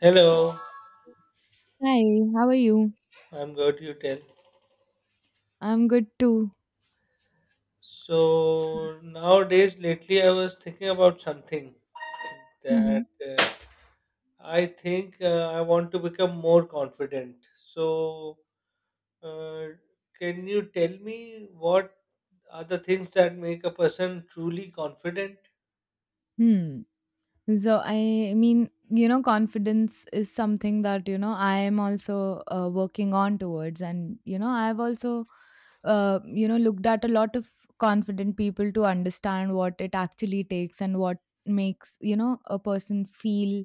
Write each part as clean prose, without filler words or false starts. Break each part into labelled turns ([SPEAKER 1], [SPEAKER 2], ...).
[SPEAKER 1] Hello,
[SPEAKER 2] Hi, how are you?
[SPEAKER 1] I'm good. You tell.
[SPEAKER 2] I'm good too.
[SPEAKER 1] So nowadays, lately, I was thinking about something
[SPEAKER 2] Hmm.
[SPEAKER 1] that I think I want to become more confident. So, uh, can you tell me what are the things that make a person truly confident?
[SPEAKER 2] Hmm. So, I mean, confidence is something that I am also working on towards. And I've also looked at a lot of confident people to understand what it actually takes and what makes a person feel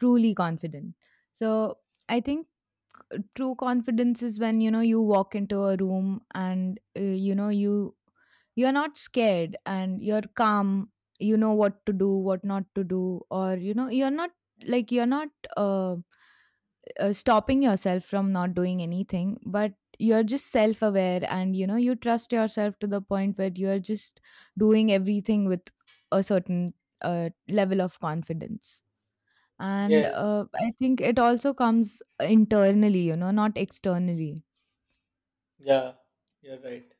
[SPEAKER 2] truly confident. So I think true confidence is when you walk into a room, and you're not scared and you're calm. You know what to do, what not to do, or you're not, like, you're not, uh, stopping yourself from not doing anything, but you're just self aware, and you trust yourself to the point where you're just doing everything with a certain level of confidence. And
[SPEAKER 1] Yes.
[SPEAKER 2] I think it also comes internally, not externally.
[SPEAKER 1] Yeah, you're right.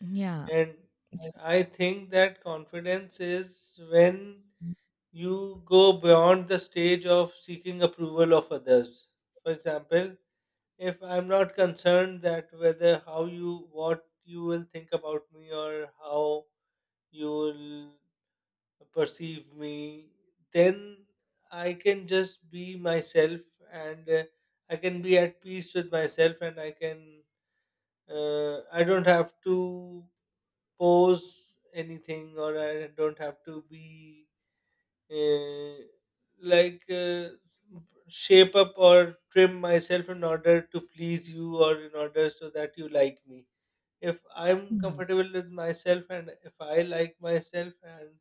[SPEAKER 2] Yeah.
[SPEAKER 1] And
[SPEAKER 2] It's-
[SPEAKER 1] I think that confidence is when you go beyond the stage of seeking approval of others. For example, if I'm not concerned that whether how you, what you will think about me or how you will perceive me, then I can just be myself and I can be at peace with myself and I can, I don't have to pose anything or I don't have to be uh, like uh, shape up or trim myself in order to please you or in order so that you like me. If I'm
[SPEAKER 2] Mhm.
[SPEAKER 1] comfortable with myself and if I like myself and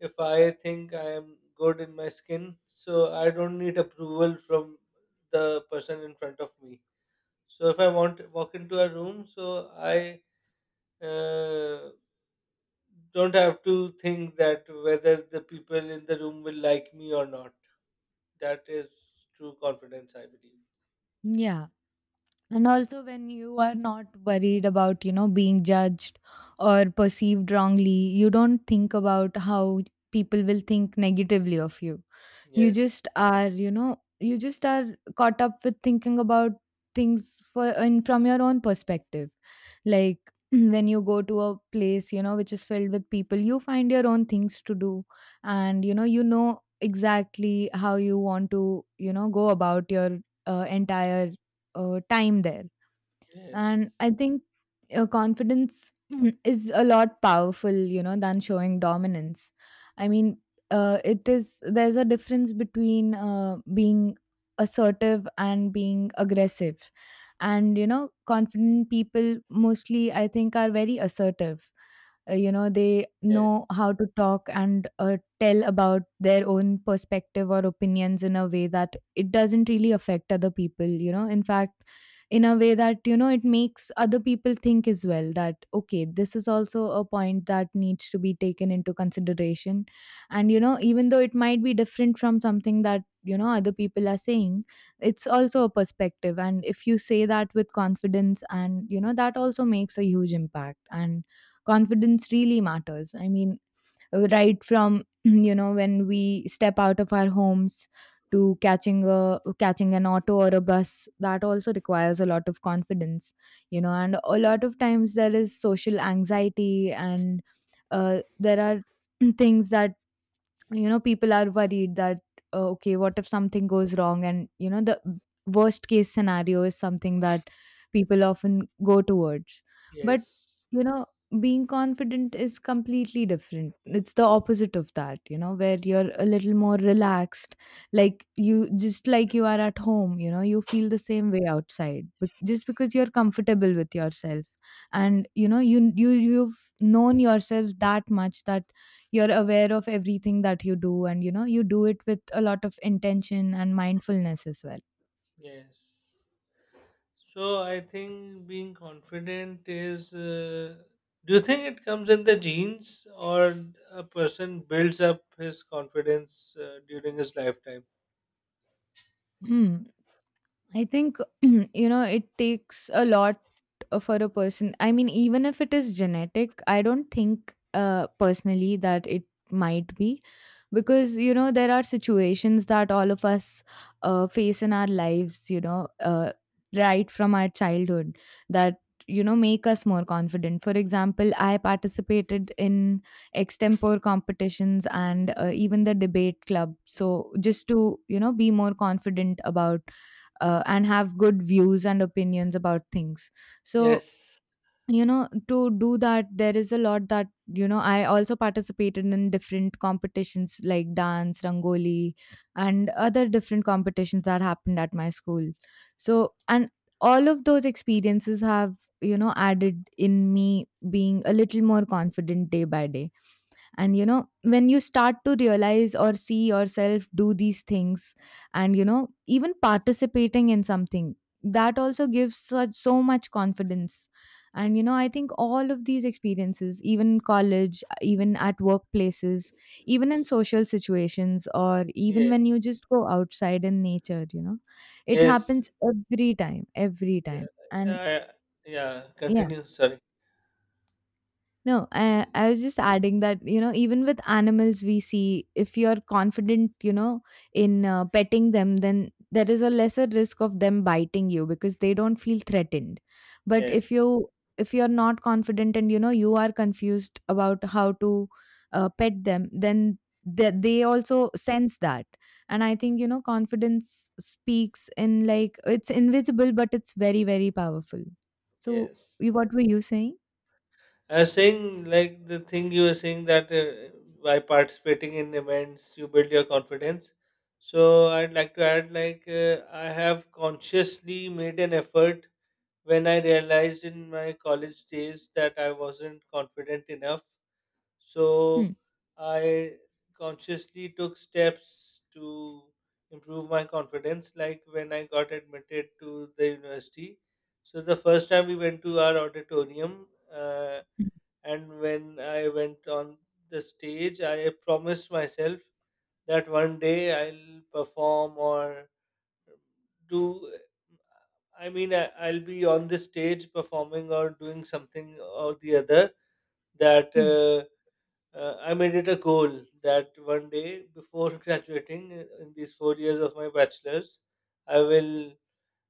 [SPEAKER 1] if I think I am good in my skin, so I don't need approval from the person in front of me. So if I want to walk into a room, so I uh, don't have to think that whether the people in the room will like me or not. That is true confidence, I believe.
[SPEAKER 2] Yeah. And also when you are not worried about, being judged or perceived wrongly, you don't think about how people will think negatively of you. You
[SPEAKER 1] Yes.
[SPEAKER 2] just are, you know, You just are caught up with thinking about things for in from your own perspective. Like, when you go to a place, which is filled with people, you find your own things to do. And, you know exactly how you want to, go about your entire time there. And
[SPEAKER 1] Yes,
[SPEAKER 2] I think confidence is a lot powerful, than showing dominance. I mean, it is there's a difference between being assertive and being aggressive. And confident people, mostly I think, are very assertive. They know
[SPEAKER 1] yes,
[SPEAKER 2] how to talk and tell about their own perspective or opinions in a way that it doesn't really affect other people, in fact, in a way that it makes other people think as well, that, okay, this is also a point that needs to be taken into consideration. And even though it might be different from something that other people are saying, it's also a perspective. And if you say that with confidence, and that also makes a huge impact. And confidence really matters. I mean, right from, when we step out of our homes, to catching an auto or a bus, that also requires a lot of confidence. And a lot of times there is social anxiety, and there are things that people are worried that, okay, what if something goes wrong? And the worst case scenario is something that people often go towards. But
[SPEAKER 1] yes,
[SPEAKER 2] you know being confident is completely different. It's the opposite of that, where you're a little more relaxed. Like you just like you are at home, you feel the same way outside, but just because you're comfortable with yourself, and you've known yourself that much, that you're aware of everything that you do, and you do it with a lot of intention and mindfulness as well.
[SPEAKER 1] yes. So I think being confident is. Do you think it comes in the genes, or a person builds up his confidence during his lifetime?
[SPEAKER 2] Hmm. I think, it takes a lot for a person. I mean, even if it is genetic, I don't think personally that it might be, because, there are situations that all of us face in our lives, right from our childhood, that, make us more confident. For example, I participated in extempore competitions and even the debate club. So just to, be more confident about, and have good views and opinions about things, so
[SPEAKER 1] Yes,
[SPEAKER 2] to do that there is a lot that, I also participated in different competitions like dance, rangoli, and other different competitions that happened at my school. So, and all of those experiences have, added in me being a little more confident day by day. And when you start to realize or see yourself do these things, and even participating in something, that also gives such so much confidence. And I think all of these experiences, even college, even at workplaces, even in social situations, or even
[SPEAKER 1] yeah,
[SPEAKER 2] when you just go outside in nature, it
[SPEAKER 1] yes,
[SPEAKER 2] happens every time, every
[SPEAKER 1] yeah,
[SPEAKER 2] time. And
[SPEAKER 1] yeah. Yeah.
[SPEAKER 2] yeah.
[SPEAKER 1] Continue. Sorry.
[SPEAKER 2] No,
[SPEAKER 1] Y-
[SPEAKER 2] I was just adding that, even with animals, we see if you're confident, in petting them, then there is a lesser risk of them biting you because they don't feel threatened. But
[SPEAKER 1] Yes,
[SPEAKER 2] if you're not confident, and you are confused about how to pet them, then they also sense that. And I think, confidence speaks in, like, it's invisible, but it's very, very powerful. So,
[SPEAKER 1] yes.
[SPEAKER 2] what were you saying?
[SPEAKER 1] I was saying, like the thing you were saying that by participating in events, you build your confidence. So I'd like to add, like I have consciously made an effort when I realized in my college days that I wasn't confident enough. So
[SPEAKER 2] Hmm.
[SPEAKER 1] I consciously took steps to improve my confidence. Like when I got admitted to the university, so the first time we went to our auditorium. Uh, and when I went on the stage, I promised myself that one day I'll perform or do. I mean, I'll be on the stage performing or doing something or the other. That
[SPEAKER 2] Hmm.
[SPEAKER 1] I made it a goal that one day before graduating in these 4 years of my bachelor's, I will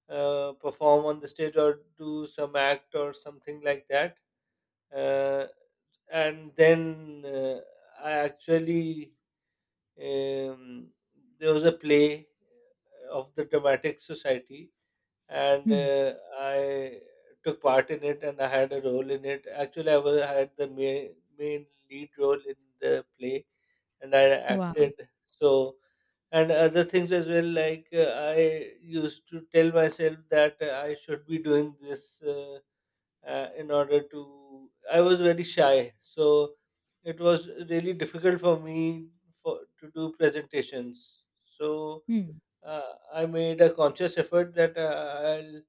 [SPEAKER 1] perform on the stage or do some act or something like that. Uh, and then I actually um, there was a play of the Dramatic Society, and
[SPEAKER 2] Hmm.
[SPEAKER 1] I took part in it, and I had a role in it. Actually, had the main lead role in the play, and I
[SPEAKER 2] Wow.
[SPEAKER 1] acted. So, and other things as well, like I used to tell myself that I should be doing this. In order to, I was very shy, so it was really difficult for me to do presentations, so
[SPEAKER 2] Hmm.
[SPEAKER 1] I made a conscious effort that I'll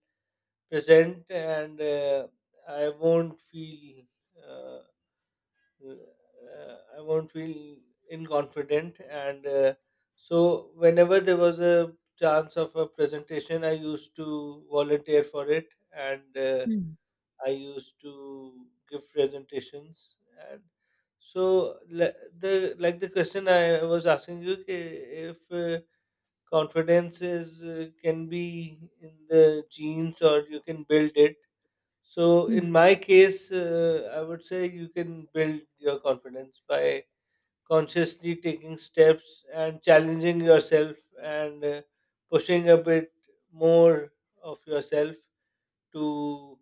[SPEAKER 1] present and I won't feel uh, I won't feel inconfident and so whenever there was a chance of a presentation, I used to volunteer for it and
[SPEAKER 2] Hmm.
[SPEAKER 1] I used to give presentations, and so le- the like the question I was asking you, ki if confidence is can be in the genes or you can build it. So
[SPEAKER 2] Mm.
[SPEAKER 1] in my case, I would say you can build your confidence by consciously taking steps and challenging yourself and pushing a bit more of yourself to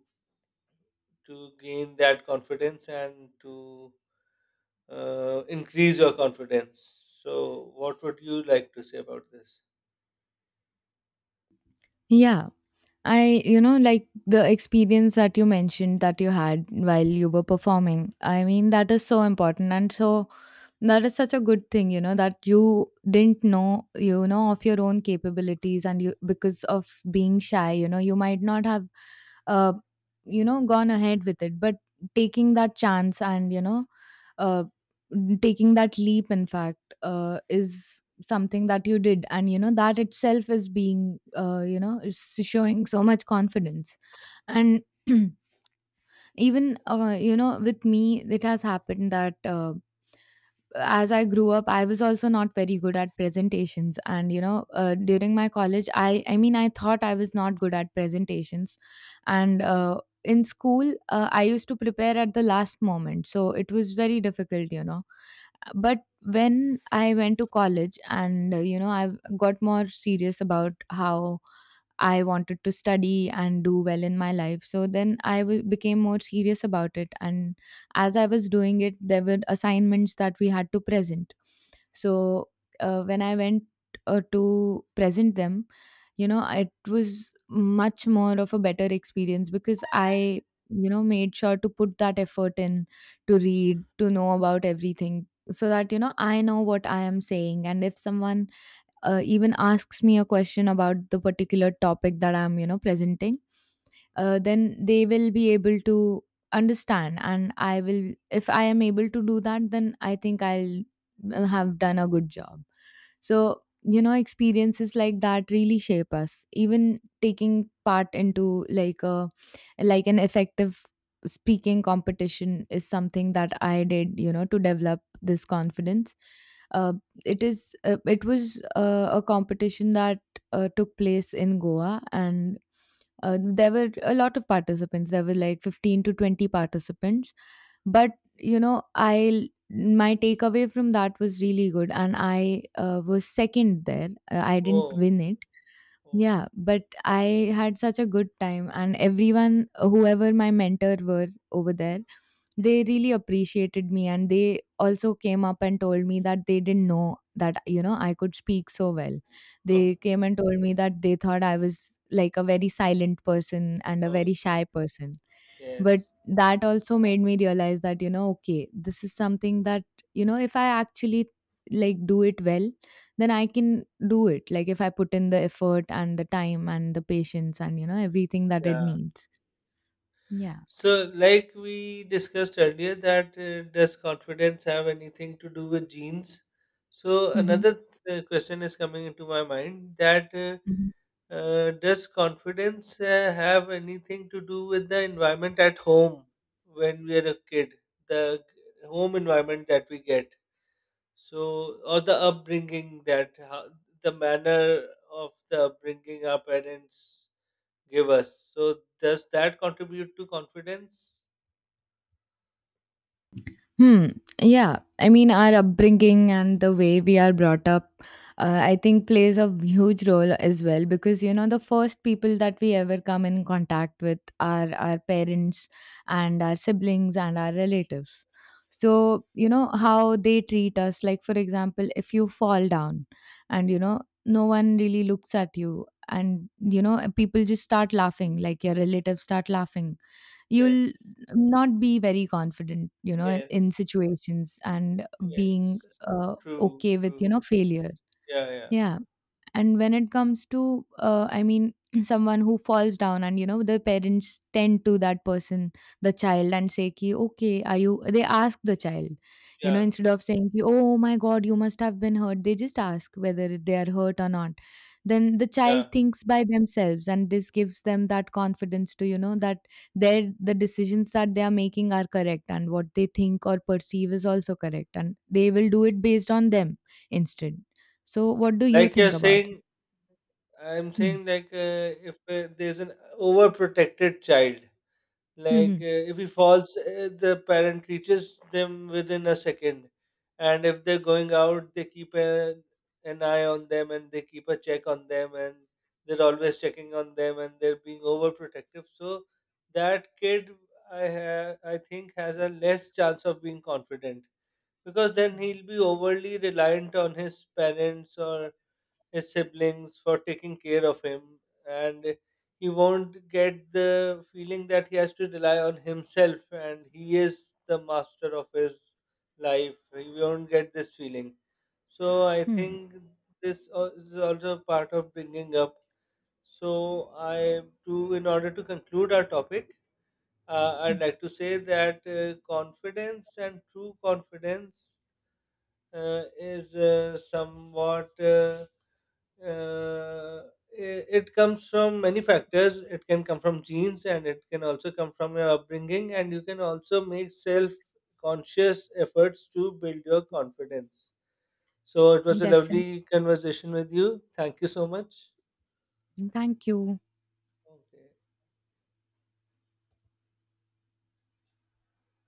[SPEAKER 1] to gain that confidence and to increase your confidence. So, what would you like to say about this?
[SPEAKER 2] Yeah. Like the experience that you mentioned, that you had while you were performing, I mean, that is so important. And so that is such a good thing, that you didn't know, of your own capabilities, and you, because of being shy, you might not have, uh, gone ahead with it, but taking that chance, and, uh, taking that leap, in fact, is something that you did. And that itself is being, is showing so much confidence. And even with me it has happened that, as I grew up I was also not very good at presentations. And during my college, I mean, I thought I was not good at presentations. And in school, I used to prepare at the last moment, so it was very difficult. But when I went to college, and, I got more serious about how I wanted to study and do well in my life. So then became more serious about it. And as I was doing it, there were assignments that we had to present. So when I went to present them, it was much more of a better experience because I, made sure to put that effort in, to read, to know about everything so that, I know what I am saying. And if someone even asks me a question about the particular topic that I'm, presenting, then they will be able to understand. And I will if I am able to do that, then I think I'll have done a good job. So experiences like that really shape us. Even taking part into, like an effective speaking competition is something that I did, to develop this confidence. uh, it was a competition that took place in Goa, and there were a lot of participants. There were like 15 to 20 participants. But, I my takeaway from that was really good, and I was second there. I didn't
[SPEAKER 1] Oh,
[SPEAKER 2] win it.
[SPEAKER 1] oh,
[SPEAKER 2] Yeah, but I had such a good time, and everyone, whoever my mentor were over there, they really appreciated me, and they also came up and told me that they didn't know that I could speak so well.
[SPEAKER 1] oh,
[SPEAKER 2] They came and told me that they thought I was like a very silent person and a
[SPEAKER 1] oh,
[SPEAKER 2] very shy person, but
[SPEAKER 1] yes,
[SPEAKER 2] that also made me realize that, okay, this is something that, if I actually, like, do it well, then I can do it. Like if I put in the effort and the time and the patience and everything that it
[SPEAKER 1] yeah.
[SPEAKER 2] needs. Yeah.
[SPEAKER 1] So, like we discussed earlier, that does confidence have anything to do with genes? So,
[SPEAKER 2] Mm-hmm.
[SPEAKER 1] another question is coming into my mind that.
[SPEAKER 2] Mm-hmm.
[SPEAKER 1] Does confidence have anything to do with the environment at home when we are a kid? The home environment that we get, so or the upbringing that how, the manner of the upbringing our parents give us. So does that contribute to confidence?
[SPEAKER 2] Hmm. Yeah. I mean, our upbringing and the way we are brought up, I think, plays a huge role as well because, the first people that we ever come in contact with are our parents and our siblings and our relatives. So, how they treat us. Like, for example, if you fall down and, no one really looks at you, and, people just start laughing, like your relatives start laughing, you'll
[SPEAKER 1] Yes,
[SPEAKER 2] not be very confident,
[SPEAKER 1] yes,
[SPEAKER 2] in situations, and being
[SPEAKER 1] yes. True,
[SPEAKER 2] okay with,
[SPEAKER 1] true.
[SPEAKER 2] failure.
[SPEAKER 1] Yeah, yeah,
[SPEAKER 2] Yeah, and when it comes to, I mean, someone who falls down, and the parents tend to that person, the child, and say, ki, okay, are you, they ask the child,
[SPEAKER 1] yeah,
[SPEAKER 2] instead of saying, ki, oh my god, you must have been hurt, they just ask whether they are hurt or not. Then the child
[SPEAKER 1] yeah.
[SPEAKER 2] thinks by themselves, and this gives them that confidence to, that their the decisions that they are making are correct, and what they think or perceive is also correct, and they will do it based on them, instead. So what do you
[SPEAKER 1] Like you're
[SPEAKER 2] think about it?
[SPEAKER 1] saying, I'm
[SPEAKER 2] Hmm.
[SPEAKER 1] saying like if there's an overprotected child, like
[SPEAKER 2] Mhm.
[SPEAKER 1] if he falls, the parent reaches them within a second, and if they're going out, an eye on them and they keep a check on them, and they're always checking on them, and they're being overprotective. So that kid, I think, has a less chance of being confident because then
[SPEAKER 2] Hmm.
[SPEAKER 1] he'll be overly reliant on his parents or his siblings for taking care of him and he won't get the feeling that he has to rely on himself and he is the master of his life. He won't get this feeling, so I
[SPEAKER 2] Hmm.
[SPEAKER 1] think this is also part of bringing up. So I do, in order to conclude our topic, I'd
[SPEAKER 2] Mm.
[SPEAKER 1] like to say that confidence and true confidence uh, is uh, somewhat uh, uh, it comes from many factors. It can come from genes, and it can also come from your upbringing. And you can also make self-conscious efforts to build your confidence. So it was a
[SPEAKER 2] Definitely.
[SPEAKER 1] lovely conversation with you. Thank you so much.
[SPEAKER 2] Thank you.
[SPEAKER 1] Okay.